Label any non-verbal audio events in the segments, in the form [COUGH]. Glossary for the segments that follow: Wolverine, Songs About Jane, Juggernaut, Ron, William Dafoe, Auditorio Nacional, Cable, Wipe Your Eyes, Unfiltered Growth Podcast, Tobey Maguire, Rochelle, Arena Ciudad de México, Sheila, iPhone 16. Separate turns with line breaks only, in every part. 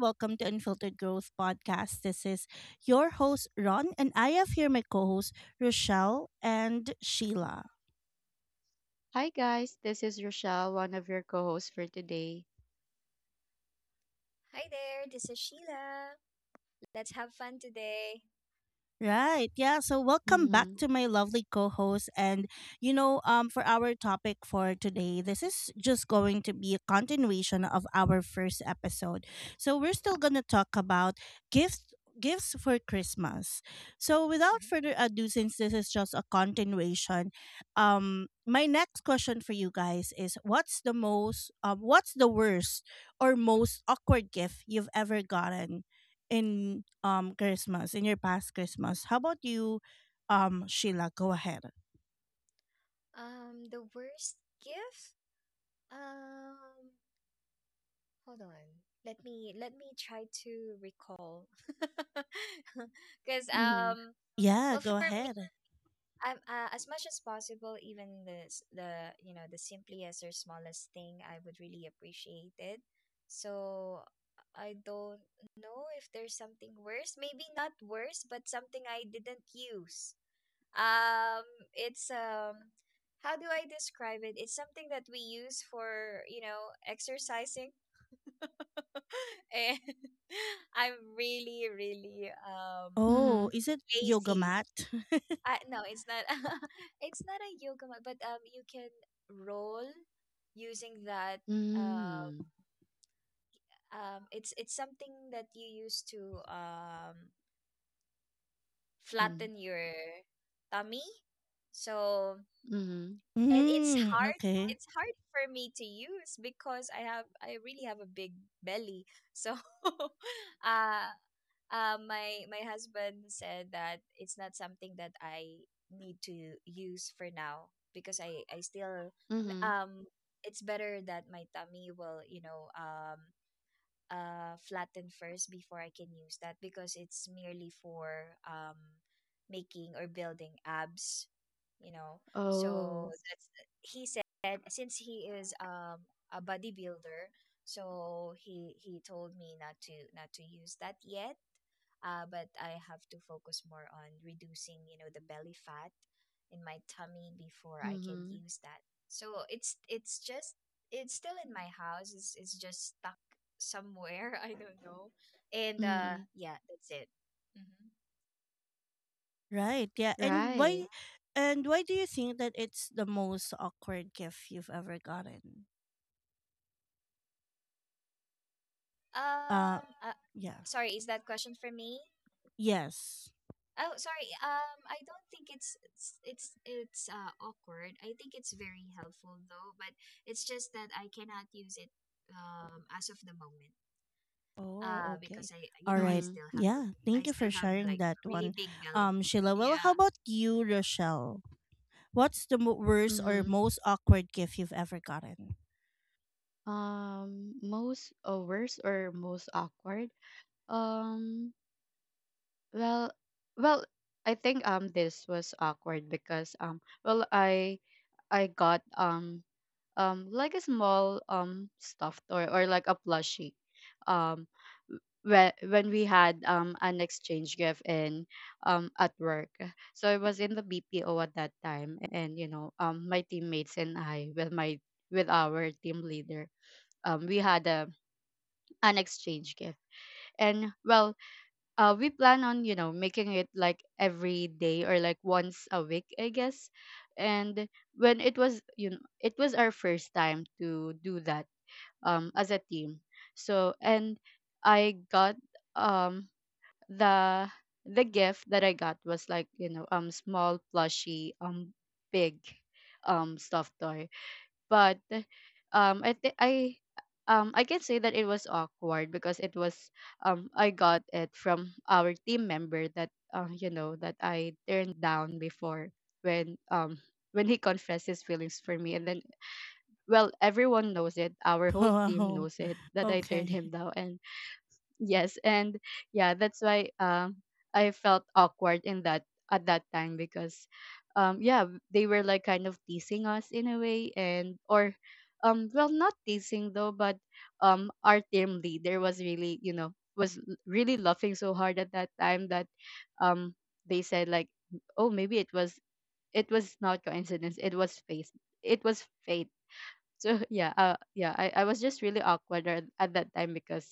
Welcome to Unfiltered Growth Podcast. This is your host, Ron, and I have here my co hosts, Rochelle and Sheila.
Hi guys, this is Rochelle, one of your co-hosts for today.
Hi there, this is Sheila. Let's have fun today.
Right. Yeah. So welcome back
Mhm.
to my lovely co-host and for our topic for today, this is just going to be a continuation of our first episode. So we're still going to talk about gifts gifts for Christmas. So without further ado, since this is just a continuation, my next question for you guys is what's the most what's the worst or most awkward gift you've ever gotten in Christmas, in your past Christmas. How about you, Sheila? Go ahead.
The worst gift? Um, hold on. Let me try to recall. [LAUGHS] Because
Mhm.
Yeah,
well,
go
for me,
ahead.
I'm as much as possible, even the the simplest or smallest thing, I would really appreciate it. So I don't know if there's something worse. Maybe not worse, but something I didn't use. Um, it's How do I describe it? It's something that we use for, you know, exercising. [LAUGHS] And [LAUGHS] I'm really
Oh,
Mhm.
is it yoga
lazy.
mat? [LAUGHS]
No, it's not. [LAUGHS] It's not a yoga mat, but you can roll using that. Um,
Mhm.
it's something that you use to
Um.
flatten your tummy. So
Mhm.
and it's
Mm,
hard
okay.
it's hard for me to use because I really have a big belly, so [LAUGHS] uh my husband said that it's not something that I need to use for now because I still um
Mhm.
um, it's better that my tummy will, you know, flatten first before I can use that, because it's merely for making or building abs, you know. So
Oh.
that's, he said, since he is a bodybuilder, so he told me not to use that yet. But I have to focus more on reducing, you know, the belly fat in my tummy before I can
Mhm.
use that. So it's still in my house. It's just stuck somewhere. [LAUGHS] I don't know. And
Mhm.
yeah, that's it. hmm
Right. Yeah. And
Right.
why and why do you think that it's the most awkward gift you've ever gotten? Uh
Um, uh,
yeah.
sorry, is that question for me?
Yes.
Oh, sorry. I don't think it's awkward. I think it's very helpful though, but it's just that I cannot use it as of the moment.
Oh, okay.
Because I you
All
know I
right.
Mhm.
still have
Yeah.
a, I
Thank you for
still have
sharing
like
that
a really
one,
big belly.
Sheila. Well, how
Yeah.
about you, Rochelle? What's the worst or
Mhm.
most awkward gift you've ever gotten?
Most worst or most awkward? Um well well, I think this was awkward because, I got, like a small, stuffed, or like a plushie, um when we had, an exchange gift, in at work. So I was in the BPO at that time. And you know, my teammates and I, with our team leader, we had a an exchange gift, and well, we plan on, you know, making it like every day or like once a week, I guess. And when it was, you know, it was our first time to do that, as a team. So, and I got, um, the the gift that I got was like, you know, small plushy, big, stuffed toy, but I think I can say that it was awkward because it was I got it from our team member that, you know, that I turned down before when um when he confessed his feelings for me. And then, well, everyone knows it. Our
[LAUGHS]
whole team
Wow.
knows it [LAUGHS] that I turned
Okay.
him down. And yes, and yeah, that's why I felt awkward in that at that time because, yeah, they were like kind of teasing us in a way, and or well, not teasing though, but, our team leader was really, you know, really laughing so hard at that time that, um they said like, "Oh, maybe it was, it was not coincidence, it was fate, it was fate." So [LAUGHS] yeah, yeah, I was just really awkward at that time because,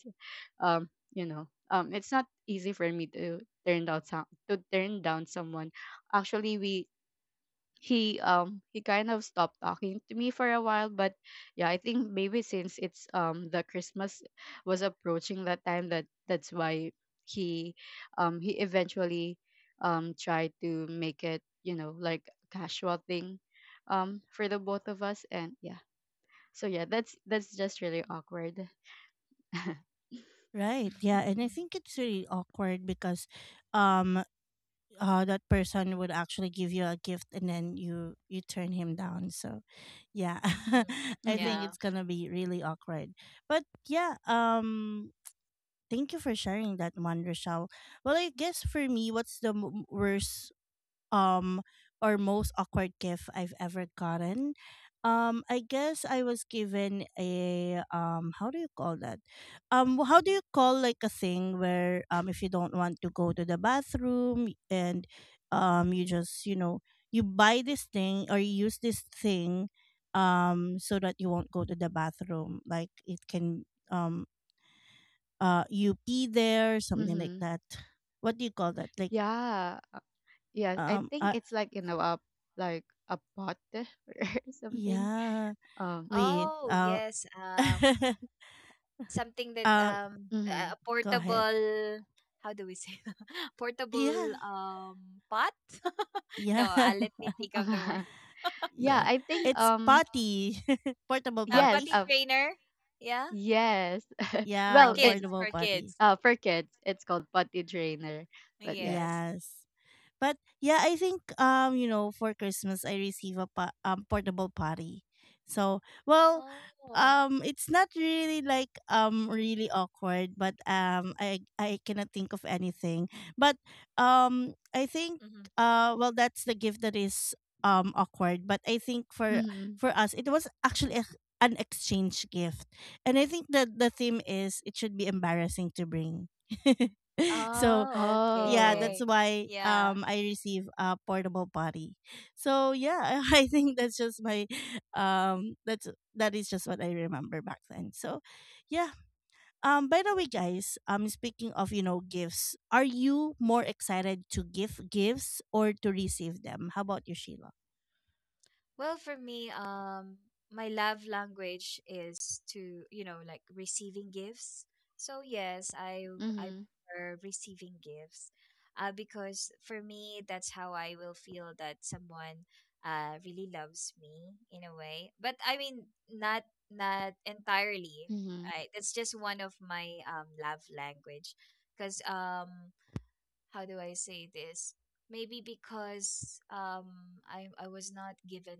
you know, it's not easy for me to turn down some to turn down someone. Actually, we he kind of stopped talking to me for a while. But yeah, I think maybe since it's the Christmas was approaching that time, that's why he he eventually tried to make it, you know, like casual thing, for the both of us. And yeah, so yeah, that's just really awkward. [LAUGHS]
Right. Yeah. And I
Mhm.
think it's really awkward because um that person would actually give you a gift and then you turn him down. So yeah.
Mm,
[LAUGHS] I
Mm-hmm.
think
yeah.
it's gonna be really awkward. But yeah, thank you for sharing that one, Rochelle. Well, I guess for me, what's the worst um or most awkward gift I've ever gotten. I guess I was given a how do you call that? How do you call like a thing where if you don't want to go to the bathroom and you just, you know, you buy this thing or you use this thing so that you won't go to the bathroom. Like it can um you pee there, something like
Mm-hmm.
that. What do you call that? Like
Yeah. Yeah. I
um
think
uh,
it's like, you know, a like a pot [LAUGHS] or something.
yeah. Wait.
Mm,
Oh, yes.
[LAUGHS]
Something that
Uh,
mm-hmm.
a
go ahead.
portable, how do we say, [LAUGHS] portable
Yeah.
pot? [LAUGHS] No,
Yeah. [LAUGHS]
let me think of the word.
[LAUGHS]
[LAUGHS]
Yeah,
Yeah.
I think,
It's potty. [LAUGHS] Portable
A
yes,
potty
potty.
trainer. Yeah,
yes. [LAUGHS]
for
Yeah,
Well, it's,
kids,
portable
for
potty.
kids.
for kids, it's called potty trainer. But yeah.
Yes.
Yes. But yeah, I think for Christmas I receive a portable potty. So well,
Oh.
it's not really like really awkward, but um, I cannot think of anything. But I think
Hmm.
well that's the gift that is awkward. But I think for
Mm-hmm.
us it was actually a, an exchange gift, and I think that the theme is it should be embarrassing to bring. [LAUGHS] So
Oh,
yeah,
Oh.
that's
okay.
why
Yeah.
I receive a portable potty. So yeah, [LAUGHS] I think that's just my um that's that is just what I remember back then. So yeah. By the way, guys, speaking of, you know, gifts, are you more excited to give gifts or to receive them? How about you, Sheila?
Well, for me, my love language is to, you know, like receiving gifts. So yes, I
Mm-hmm.
prefer receiving gifts, because for me, that's how I will feel that someone, really loves me in a way. But I mean, not entirely.
Mm-hmm.
That's just one of my love language, because how do I say this? Maybe because I was not given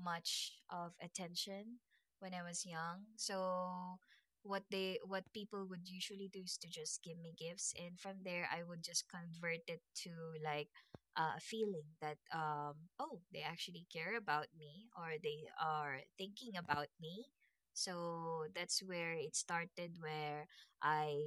much of attention when I was young. So what they, what people would usually do is to just give me gifts, and from there I would just convert it to like, a feeling that oh, they actually care about me or they are thinking about me. So that's where it started, where I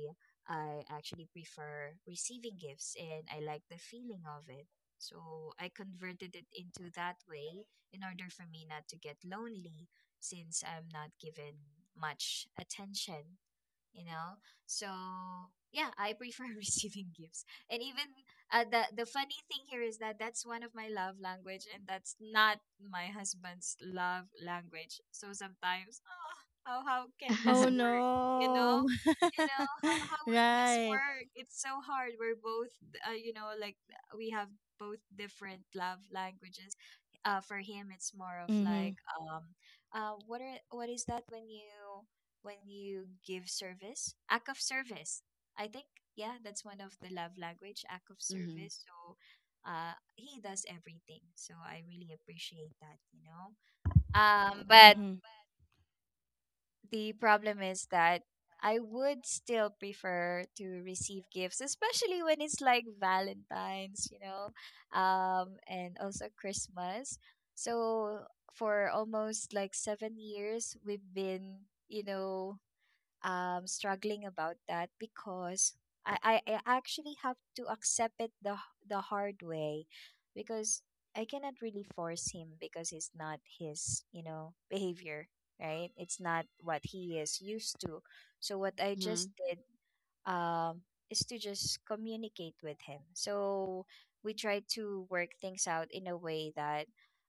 I actually prefer receiving gifts and I like the feeling of it. So I converted it into that way in order for me not to get lonely, since I'm not given much attention, you know. So yeah, I prefer [LAUGHS] receiving gifts. And even the funny thing here is that that's one of my love language, and that's not my husband's love language. So sometimes, oh, how can this
Oh
[LAUGHS]
work, you know,
no.
you know
[LAUGHS]
how will this
Right.
work? It's so hard. We're both you know, like, we have both different love languages. For him it's more of
Mhm.
like um what are, what is that when you, when you give service, act of service. I think, yeah, that's one of the love language, act of
Mhm.
service. So he does everything. So I really appreciate that, you know. But
Mhm.
the problem is that I would still prefer to receive gifts, especially when it's like Valentine's, you know, and also Christmas. So for almost like 7 years, we've been, you know, struggling about that, because I actually have to accept it the hard way, because I cannot really force him, because it's not his, you know, behavior, right? It's not what he is used to. So what I just
Mhm.
did, um, is to just communicate with him. So we try to work things out in a way that,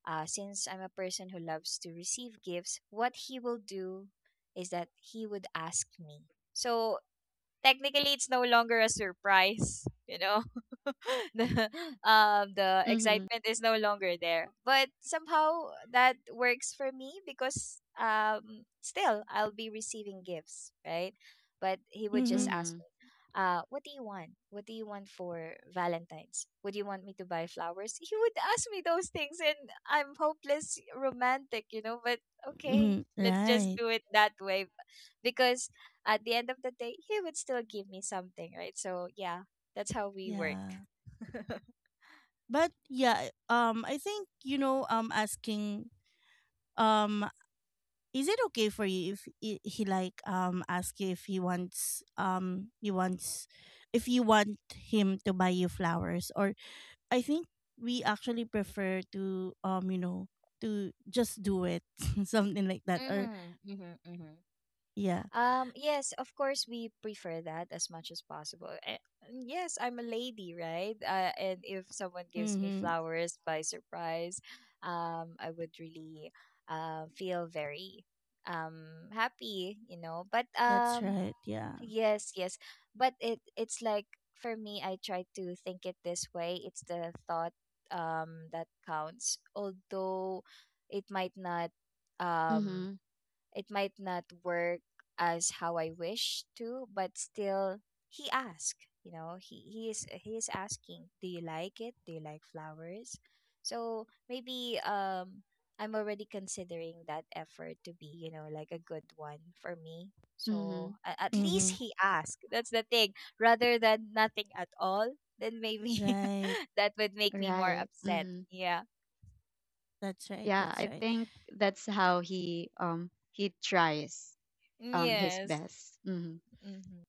since I'm a person who loves to receive gifts, what he will do is that he would ask me. So technically it's no longer a surprise, you know. [LAUGHS] the the
Mhm.
excitement is no longer there, but somehow that works for me, because still I'll be receiving gifts, right? But he would just
Mhm.
ask
Mhm.
me, what do you want, what do you want for Valentine's? Would you want me to buy flowers? He would ask me those things, and I'm hopeless romantic, you know. But okay,
Mhm.
let's just
Right.
do it that way, because at the end of the day, he would still give me something, right? So yeah, that's how we work.
Yeah.
[LAUGHS]
But yeah, I think, you know, asking um is it okay for you if he like ask you if he wants he wants if you want him to buy you flowers, or I think we actually prefer to to just do it [LAUGHS] something like that. Or
Mm-hmm. Mm-hmm. Mm-hmm.
yeah.
Yes, of course, we prefer that as much as possible. And yes, I'm a lady, right? And if someone gives me
Mhm.
flowers by surprise, I would really feel very happy, you know. But
That's right. Yeah.
yes, yes. But it, it's like, for me, I try to think it this way. It's the thought that counts. Although it might not um
Mhm.
it might not work as how I wish to, but still he asked, you know, he is asking, do you like it? Do you like flowers? So maybe I'm already considering that effort to be, you know, like a good one for me. So
Mhm.
at least
Mhm.
he asked. That's the thing. Rather than nothing at all, then maybe
Right.
[LAUGHS] that would make me more
Right.
upset.
Mhm.
Yeah.
That's right.
Yeah,
That's
I
right.
think that's how he tries his
Yes.
best. Mhm.
Hmm.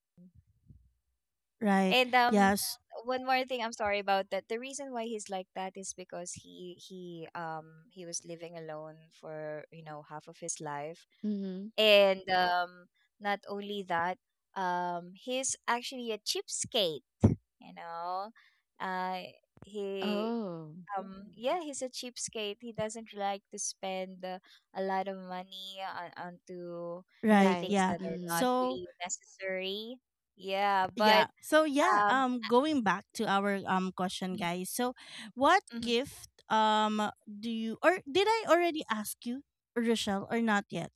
Right.
And
Yes.
one more thing, I'm sorry about that. The reason why he's like that is because he was living alone for, you know, half of his life.
Mhm.
And not only that, he's actually a cheapskate, you know. Uh he
Oh,
yeah, he's a cheapskate. He doesn't like to spend a lot of money on, onto, he
Right.
right.
thinks
Yeah.
that are not
Mhm.
so
really necessary. Yeah,
Yeah.
but
So yeah,
um
going back to our question, guys. So what
mhm.
gift do you or did I already ask you, Rochelle, or not yet?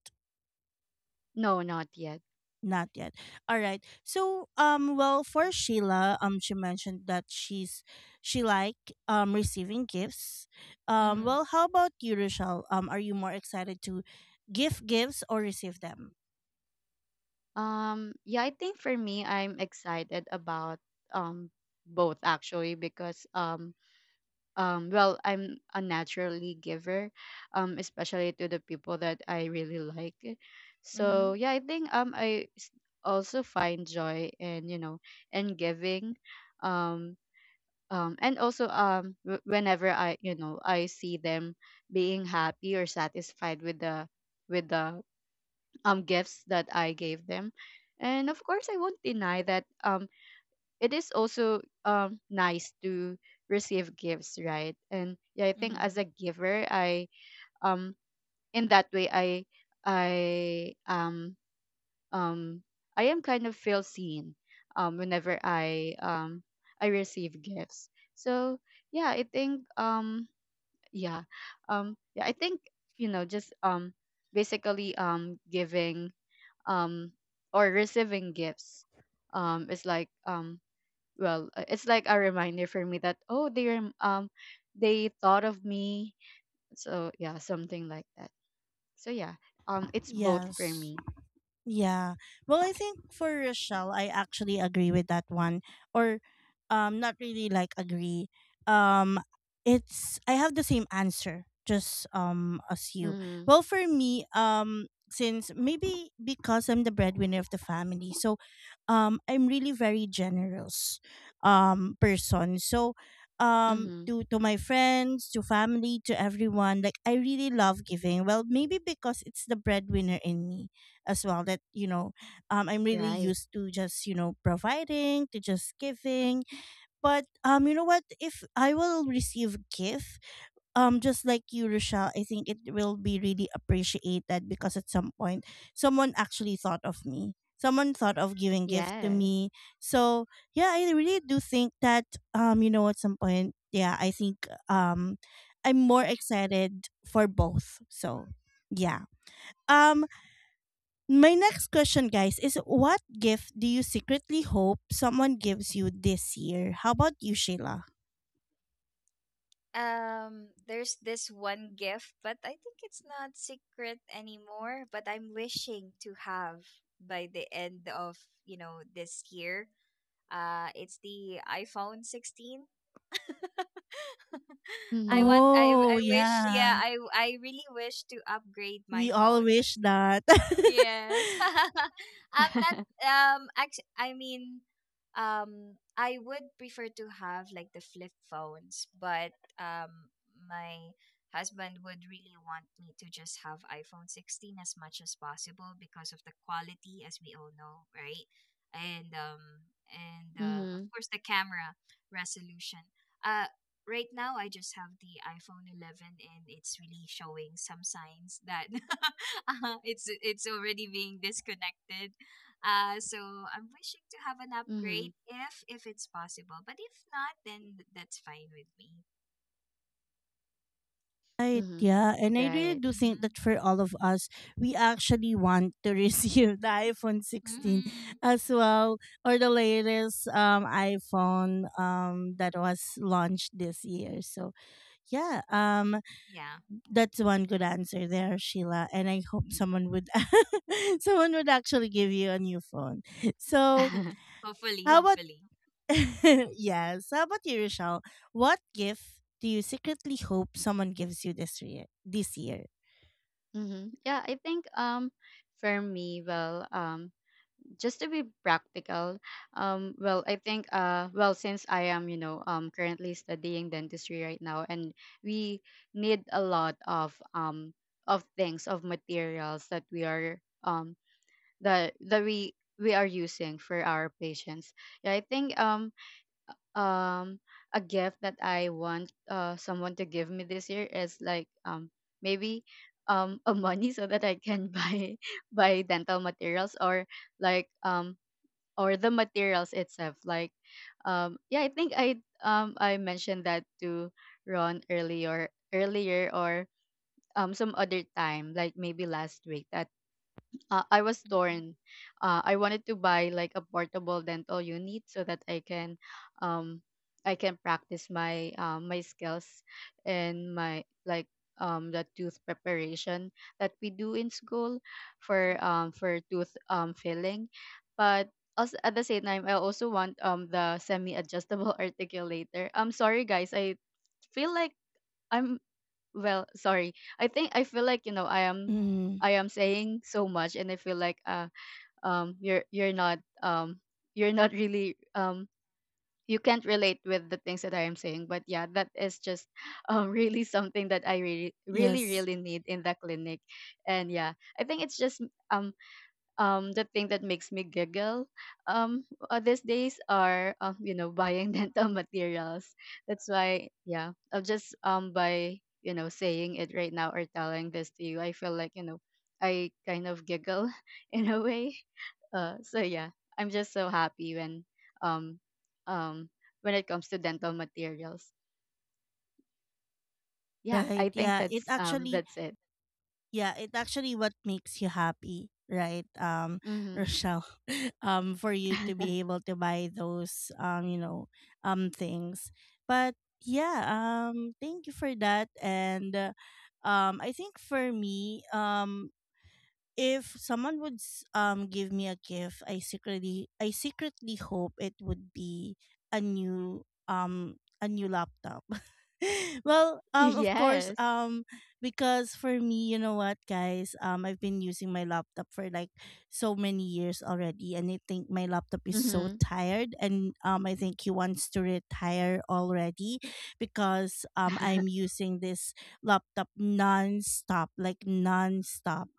No, not yet.
Not yet. All right. So well for Sheila, she mentioned that she like receiving gifts.
Mhm.
Well, how about you, Rochelle? Are you more excited to give gifts or receive them?
Yeah, I think for me I'm excited about um both actually because, well, I'm a naturally giver, especially to the people that I really like. So
Mhm.
yeah, I think, also find joy in, you know, in giving, um and also, whenever I, you know, I see them being happy or satisfied with the gifts that I gave them. And of course, I won't deny that, it is also, nice to receive gifts, right? And yeah, I think as
Mhm.
a giver I um in that way I um I am kind of feel seen, whenever I receive gifts. So yeah, I think, yeah um yeah i think you know, just, basically, giving um or receiving gifts is like, it's like a reminder for me that, oh, they thought of me. So yeah, something like that. So yeah, it's both for
Yes.
me.
Yeah. Well, I think for Rochelle, I actually agree with that one. Or not really like agree. Um it's I have the same answer just as you.
Mhm.
Well, for me, since maybe because I'm the breadwinner of the family. So I'm really very generous person. So um
Mhm.
to to my friends, to family, to everyone, like I really love giving. Well, maybe because it's the breadwinner in me as well that, you know, I'm really
Right.
used to just, you know, providing to just giving, but you know what, if I will receive gift, just like you Rochelle, I think it will be really appreciated because at some point someone actually thought of me, someone thought of giving gift to
Yes.
me. So yeah, I really do think that you know, at some point, yeah, I think I'm more excited for both. So yeah, um my next question, guys, is what gift do you secretly hope someone gives you this year? How about you, Sheila?
There's this one gift, but I think it's not secret anymore, but I'm wishing to have by the end of, you know, this year. It's the iPhone 16. [LAUGHS] I
Mhm.
want, i
Oh,
i wish,
yeah.
yeah, I really wish to upgrade my
We all
phone,
wish
because
that.
yes. [LAUGHS]
[LAUGHS]
I'm not
[LAUGHS]
actually, I mean, I would prefer to have like the flip phones, but um my husband would really want me to just have iPhone 16 as much as possible because of the quality, as we all know, right? And of
Mhm.
course the camera resolution. Uh right now I just have the iPhone 11 and it's really showing some signs that [LAUGHS] it's already being disconnected. So I'm wishing to have an
Mhm.
upgrade if it's possible, but if not, then that's fine with me.
Right,
Mhm.
yeah. And I really
Right.
do think
Mm-hmm.
that for all of us, we actually want to receive [LAUGHS] the iPhone 16
Mm-hmm.
as well, or the latest iPhone that was launched this year. So yeah,
Yeah.
that's one good answer there, Sheila. And I hope someone would [LAUGHS] someone would actually give you a new phone. So
[LAUGHS]
[LAUGHS]
Hopefully,
how about
hopefully.
[LAUGHS] yes. How about you, Rochelle? What gift do you secretly hope someone gives you this year? This year.
Mhm. Yeah, I think, for me, well, just to be practical, well, I think, well, since I am, you know, currently studying dentistry right now, and we need a lot of, of things of materials that we are um that that we are using for our patients. Yeah, I think, um a gift that I want, someone to give me this year is like, maybe a money [LAUGHS] so that I can [LAUGHS] buy dental materials, or like, or the materials itself, like, yeah, I think I mentioned that to Ron earlier, earlier or some other time, like maybe last week, that, I was
Mhm.
torn. I wanted to buy like a portable dental unit so that um, I can practice my skills and my, like, the tooth preparation that we do in school for, tooth, filling, but also at the same time I also want, the semi adjustable [LAUGHS] articulator. I'm sorry guys, I feel like. I'm, well, sorry, I think I feel like, you know, i am
Mm-hmm.
i am saying so much and I feel like, you're not, you're not really, you can't relate with the things that I am saying, but yeah, that is just [LAUGHS] really something that I really, really,
Yes.
really need in the clinic. And yeah, I think it's just, um the thing that makes me giggle, um these days are, you know, buying [LAUGHS] dental materials, that's why, yeah, I just, by, you know, saying it right now, or telling this to you, I feel like, you know, I kind of giggle [LAUGHS] in a way, so yeah, I'm just so happy um um when it comes to dental materials. Yeah,
Right.
I think
Yeah. It actually,
that's it.
yeah, it actually what makes you happy, right?
Mm-hmm.
Rochelle. [LAUGHS] For you to
[LAUGHS]
be able to buy those you know, things. But yeah, thank you for that. And I think for me, if someone would give me a gift, I secretly hope it would be a new a new laptop. [LAUGHS] Well, of course,
Yes.
because for me, you know what, guys, I've been using my laptop for like so many years already and I think my laptop is so
Mm-hmm.
tired and I think he wants to retire already because I'm using this laptop non-stop, like non-stop,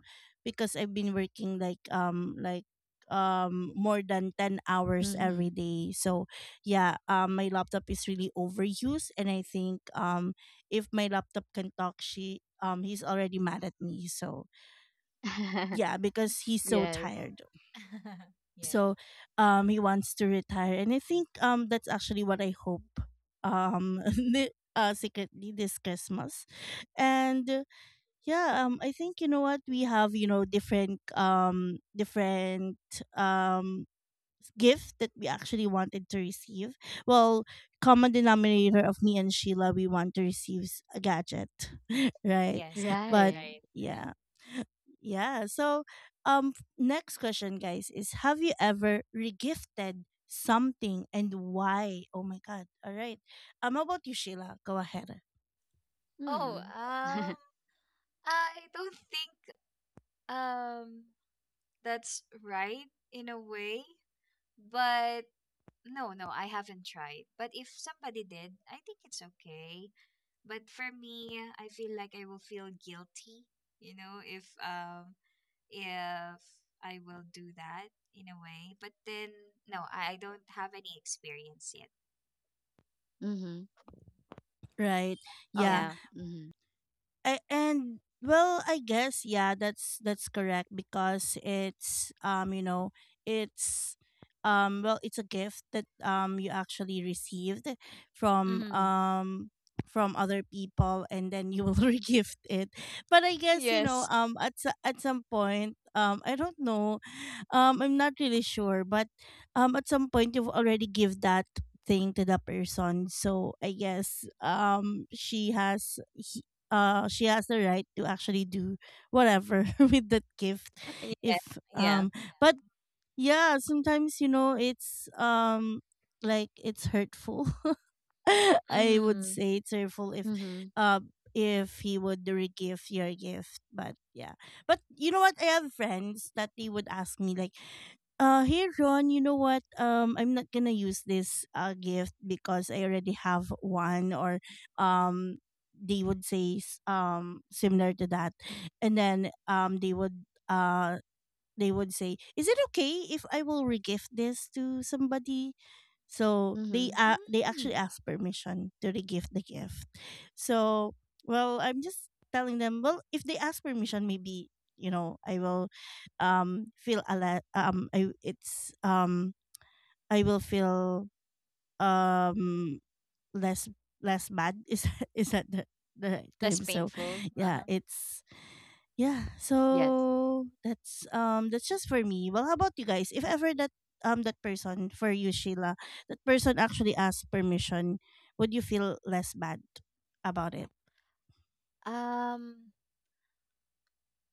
because I've been working like more than 10
[LAUGHS]
hours
Mm-hmm.
every day. So yeah, my laptop is really overused and I think if my laptop can talk, she he's already mad at me. So
[LAUGHS]
yeah, because he's so
Yes.
tired.
[LAUGHS] Yeah.
So he wants to retire and I think that's actually what I hope um [LAUGHS] secretly this Christmas. And yeah, I think, you know what, we have, you know, different, different, um, gift that we actually wanted to receive. Well, common denominator of me and Sheila, we want to receive a gadget, [LAUGHS] right?
Yes, that's
But
Right.
right. Hmm.
yeah, yeah. So, next question, guys, is have you ever regifted something and why? Oh my God! All right. How about you, Sheila? Go ahead.
Oh,
Hmm. [LAUGHS]
I don't think um that's right in a way, but no, no, I haven't tried. But if somebody did, I think it's okay. But for me, I feel like I will feel guilty, you know, if I will do that in a way. But then no, I don't have any experience yet.
Mm-hmm.
Right. Yeah.
Yeah.
Mm-hmm.
And well, I guess, yeah, that's correct because it's you know, it's well, it's a gift that you actually received from
Mm-hmm.
um from other people and then you will [LAUGHS] regift it. But I guess, you know,
Yes.
at some point, I don't know, I'm not really sure, but at some point you've already give that thing to the person, so I guess she has the right to actually do whatever [LAUGHS] with that gift
[LAUGHS] Yeah.
if
Yeah.
but yeah, sometimes, you know, it's like it's hurtful, [LAUGHS] I would
Mm-hmm.
say it's hurtful
Mm-hmm.
um if he would re-gift your gift. But yeah, but you know what, I have friends that they would ask me, like, hey Ron, you know what? I'm not gonna use this gift because I already have one, or um, they would say similar to that, and then uh they would say, "Is it okay if I will regift this to somebody?" So they,
Mm-hmm.
they
Hmm.
actually ask permission to regift the gift. So well, I'm just telling them, well, if they ask permission, maybe, you know, I will feel a lot. I it's I will feel um less less bad. Is [LAUGHS] is that the right
Less
term? So
painful. Uh-huh.
yeah, it's yeah,
Yes.
so that's just for me. Well, how about you guys, if ever that that person, for you Sheila, that person actually asks permission, would you feel less bad about it?
Um,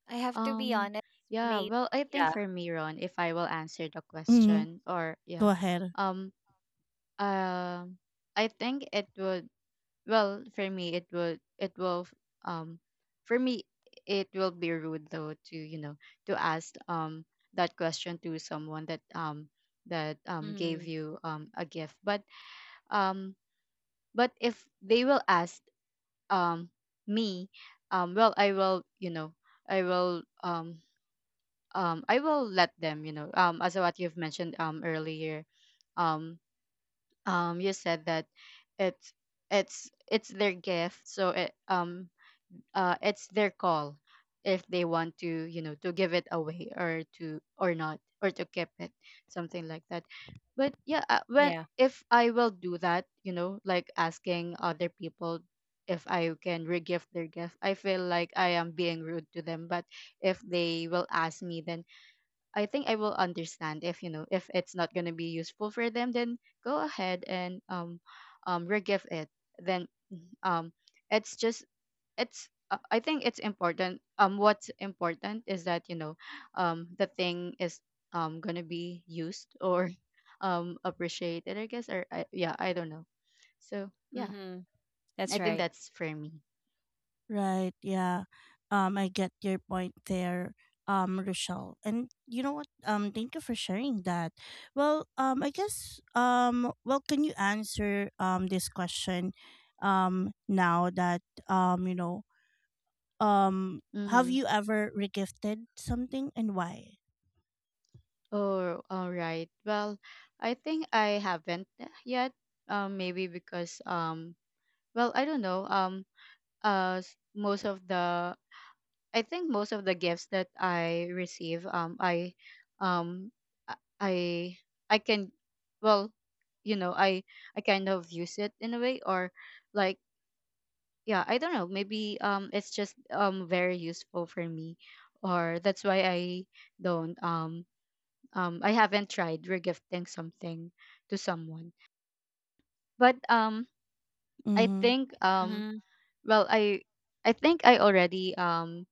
I have to be
Um.
honest.
Yeah.
Maybe
Well, I think
yeah.
for me, Ron, if I will answer the
Mm-hmm.
question, or yeah,
Go ahead.
um, uh, I think it would. Well, for me, it would. Um, for me, it will be rude though to, you know, to ask, that question to someone that gave
Mm-hmm.
you, a gift, but, um if they will ask, um me, well, i will um I will let them, you know, as what you've mentioned, earlier, um you said that it's it's their gift, so it's their call if they want to, you know, to give it away or to, or not, or to keep it, something like that. But yeah, when
Yeah.
if I will do that, you know, like asking other people if I can regift their gift, I feel like I am being rude to them. But if they will ask me, then I think I will understand if, you know, if it's not going to be useful for them, then go ahead and, regift it. Then, um it's just it's I think it's important. What's important is that, you know, the thing is, gonna be used or [LAUGHS] appreciated, I guess, yeah, I don't know. So yeah,
Mm-hmm.
I
That's
think
right.
that's for me.
Right. Yeah. I get your point there, Rochelle. And you know what? Thank you for sharing that. Well, I guess, well, can you answer this question, now that you know, um, have
Mm-hmm.
you ever regifted something and why?
Oh, all right. Well, I think I haven't yet. Maybe because, well, I don't know. S- most of the I think most of the gifts that I receive, um, I, I I can, well, you know, I kind of use it in a way, or like, yeah, I don't know, maybe, it's just, very useful for me, or that's why don't, um, I haven't tried regifting something to someone, but, I
Mm-hmm.
think,
Mhm.
well, I think I already,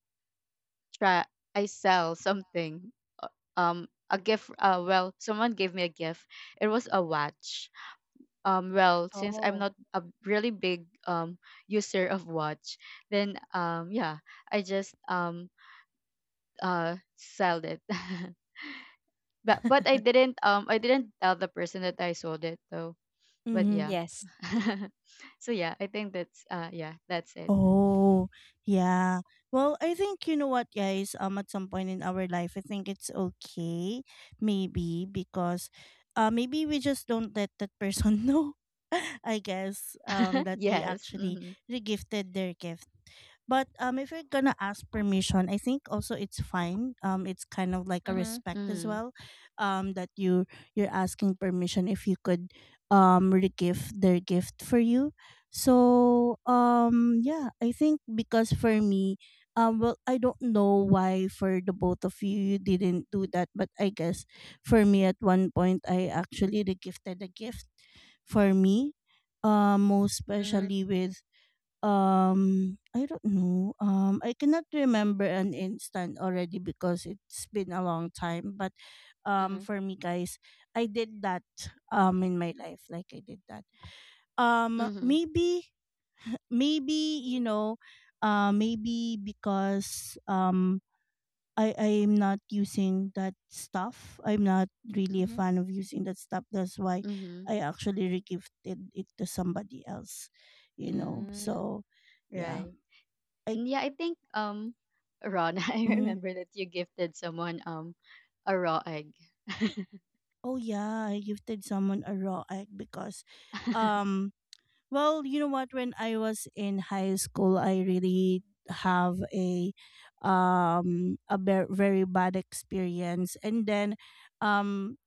try I sell something, uh, a gift. Well, someone gave me a gift. It was a watch. Well, since I'm
Oh.
not a really big, user of watch, then, yeah, I just sell it. [LAUGHS] But, I
[LAUGHS]
didn't, I didn't tell the person that I sold it though, but
Mm-hmm.
yeah.
Yes.
[LAUGHS] So yeah, I think that's, yeah, that's it.
Oh, yeah. Well, I think you know what, guys, at some point in our life, I think it's okay, maybe because, maybe we just don't let that person [LAUGHS] know. I guess
[LAUGHS]
that we
Yes.
actually
Hmm.
regifted their gift. But if you're gonna ask permission, I think also it's fine. It's kind of like a
Mhm.
respect as
Hmm.
well. That you're asking permission if you could regift their gift for you. So yeah, I think because for me, well, I don't know why for the both of you didn't do that, but I guess for me at one point I actually regifted a gift for me, most
Mhm.
especially with I don't know. I cannot remember an instant already because it's been a long time. But
Mhm.
for me, guys, I did that in my life. Like I did that. Um,
Hmm.
maybe, [LAUGHS] maybe maybe because I'm not using that stuff. I'm not really a
Mhm.
fan of using that stuff. That's why
Hmm.
I actually regifted it to somebody else, you know.
Mm.
So, yeah.
Right.
I
And yeah, I think, Ron, [LAUGHS] I
mhm.
remember that you gifted someone, a raw egg. [LAUGHS]
Oh yeah, I gifted someone a raw egg because um well, you know what, when I was in high school, I really have a very bad experience, um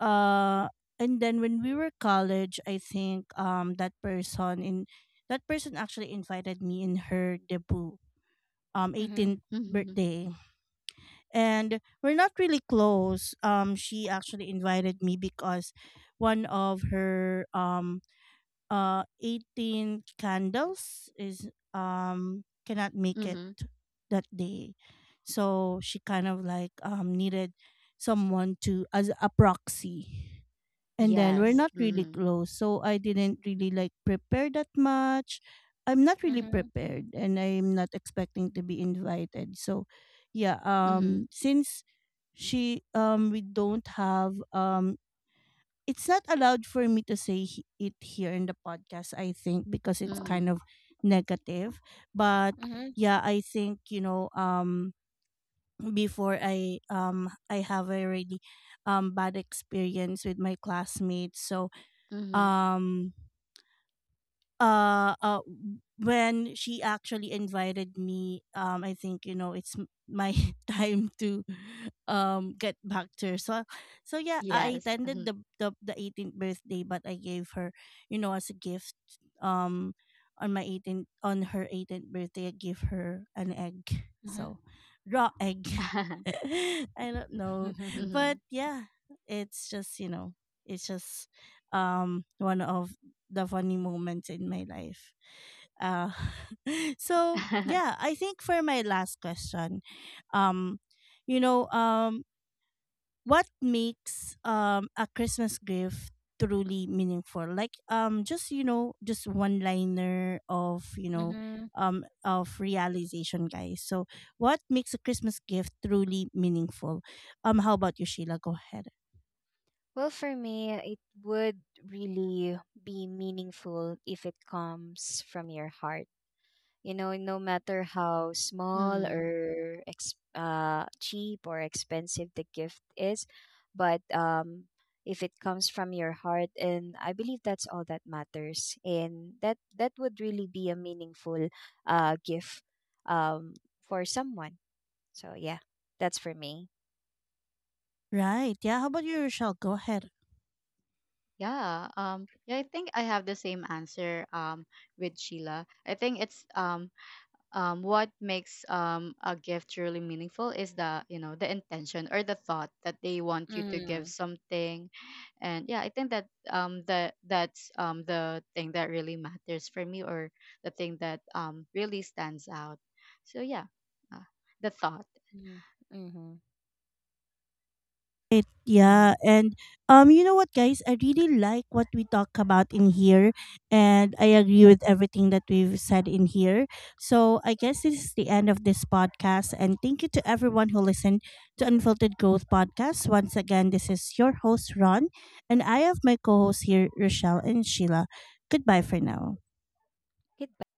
uh and then when we were college, I think that person actually invited me in her debut
Mhm.
18th
Mhm.
birthday, and we're not really close. She actually invited me because one of her 18 candles is cannot make it
Mhm.
that day. So she kind of like needed someone to as a proxy, and then we're
Mhm.
Yes.
not really
Mhm.
close, so I didn't really like prepare that much. I'm not really
Mhm.
prepared, and I'm not expecting to be invited. So yeah,
Mhm.
since she we don't have it's not allowed for me to say it here in the podcast, I think, because it's kind
Mhm.
of negative. But
Mhm.
yeah, I think, you know, before I have a really bad experience with my classmates. So
Mhm.
um uh uh when she actually invited me, I think, you know, it's my [LAUGHS] time to get back to her. So yeah, I
Yes.
attended
Mhm.
the 18th birthday, but I gave her, you know, as a gift um on my 18th on her 18th birthday, I gave her an egg,
Mhm.
so raw egg. [LAUGHS]
[LAUGHS]
I don't know,
Mhm. [LAUGHS]
but
Mhm.
yeah, it's just, you know, it's just one of the funny moments in my life. Uh, [LAUGHS] so yeah,
[LAUGHS]
I think for my last question, um, you know, um, what makes a Christmas gift truly meaningful? Like just you know, just one liner of you know, of realization, guys. So, what makes a Christmas gift truly meaningful? How about you, Sheila? Go ahead.
Well, for me, it would really be meaningful if it comes from your heart, you know. No matter how small
Mhm.
or cheap or expensive the gift is, but if it comes from your heart, and I believe that's all that matters, and that would really be a meaningful gift um, for someone. So yeah, that's for me.
Right. Yeah. How about you, Rochelle? Go ahead.
Yeah. Yeah, I think I have the same answer with Sheila. I think it's what makes, a gift really meaningful is the, you know, the intention or the thought that they want you to give
Mm-hmm.
something. And yeah, I think that, the that's, the thing that really matters for me, or the thing that, really stands out. So yeah, uh, the thought.
Mm-hmm.
It, yeah,
Mhm.
and you know what, guys? I really like what we talk about in here, and I agree with everything that we've said in here. So I guess this is the end of this podcast, and thank you to everyone who listened to Unfiltered Growth Podcast. Once again, this is your host Ron, and I have my co-hosts here, Rochelle and Sheila. Goodbye for now.
Goodbye.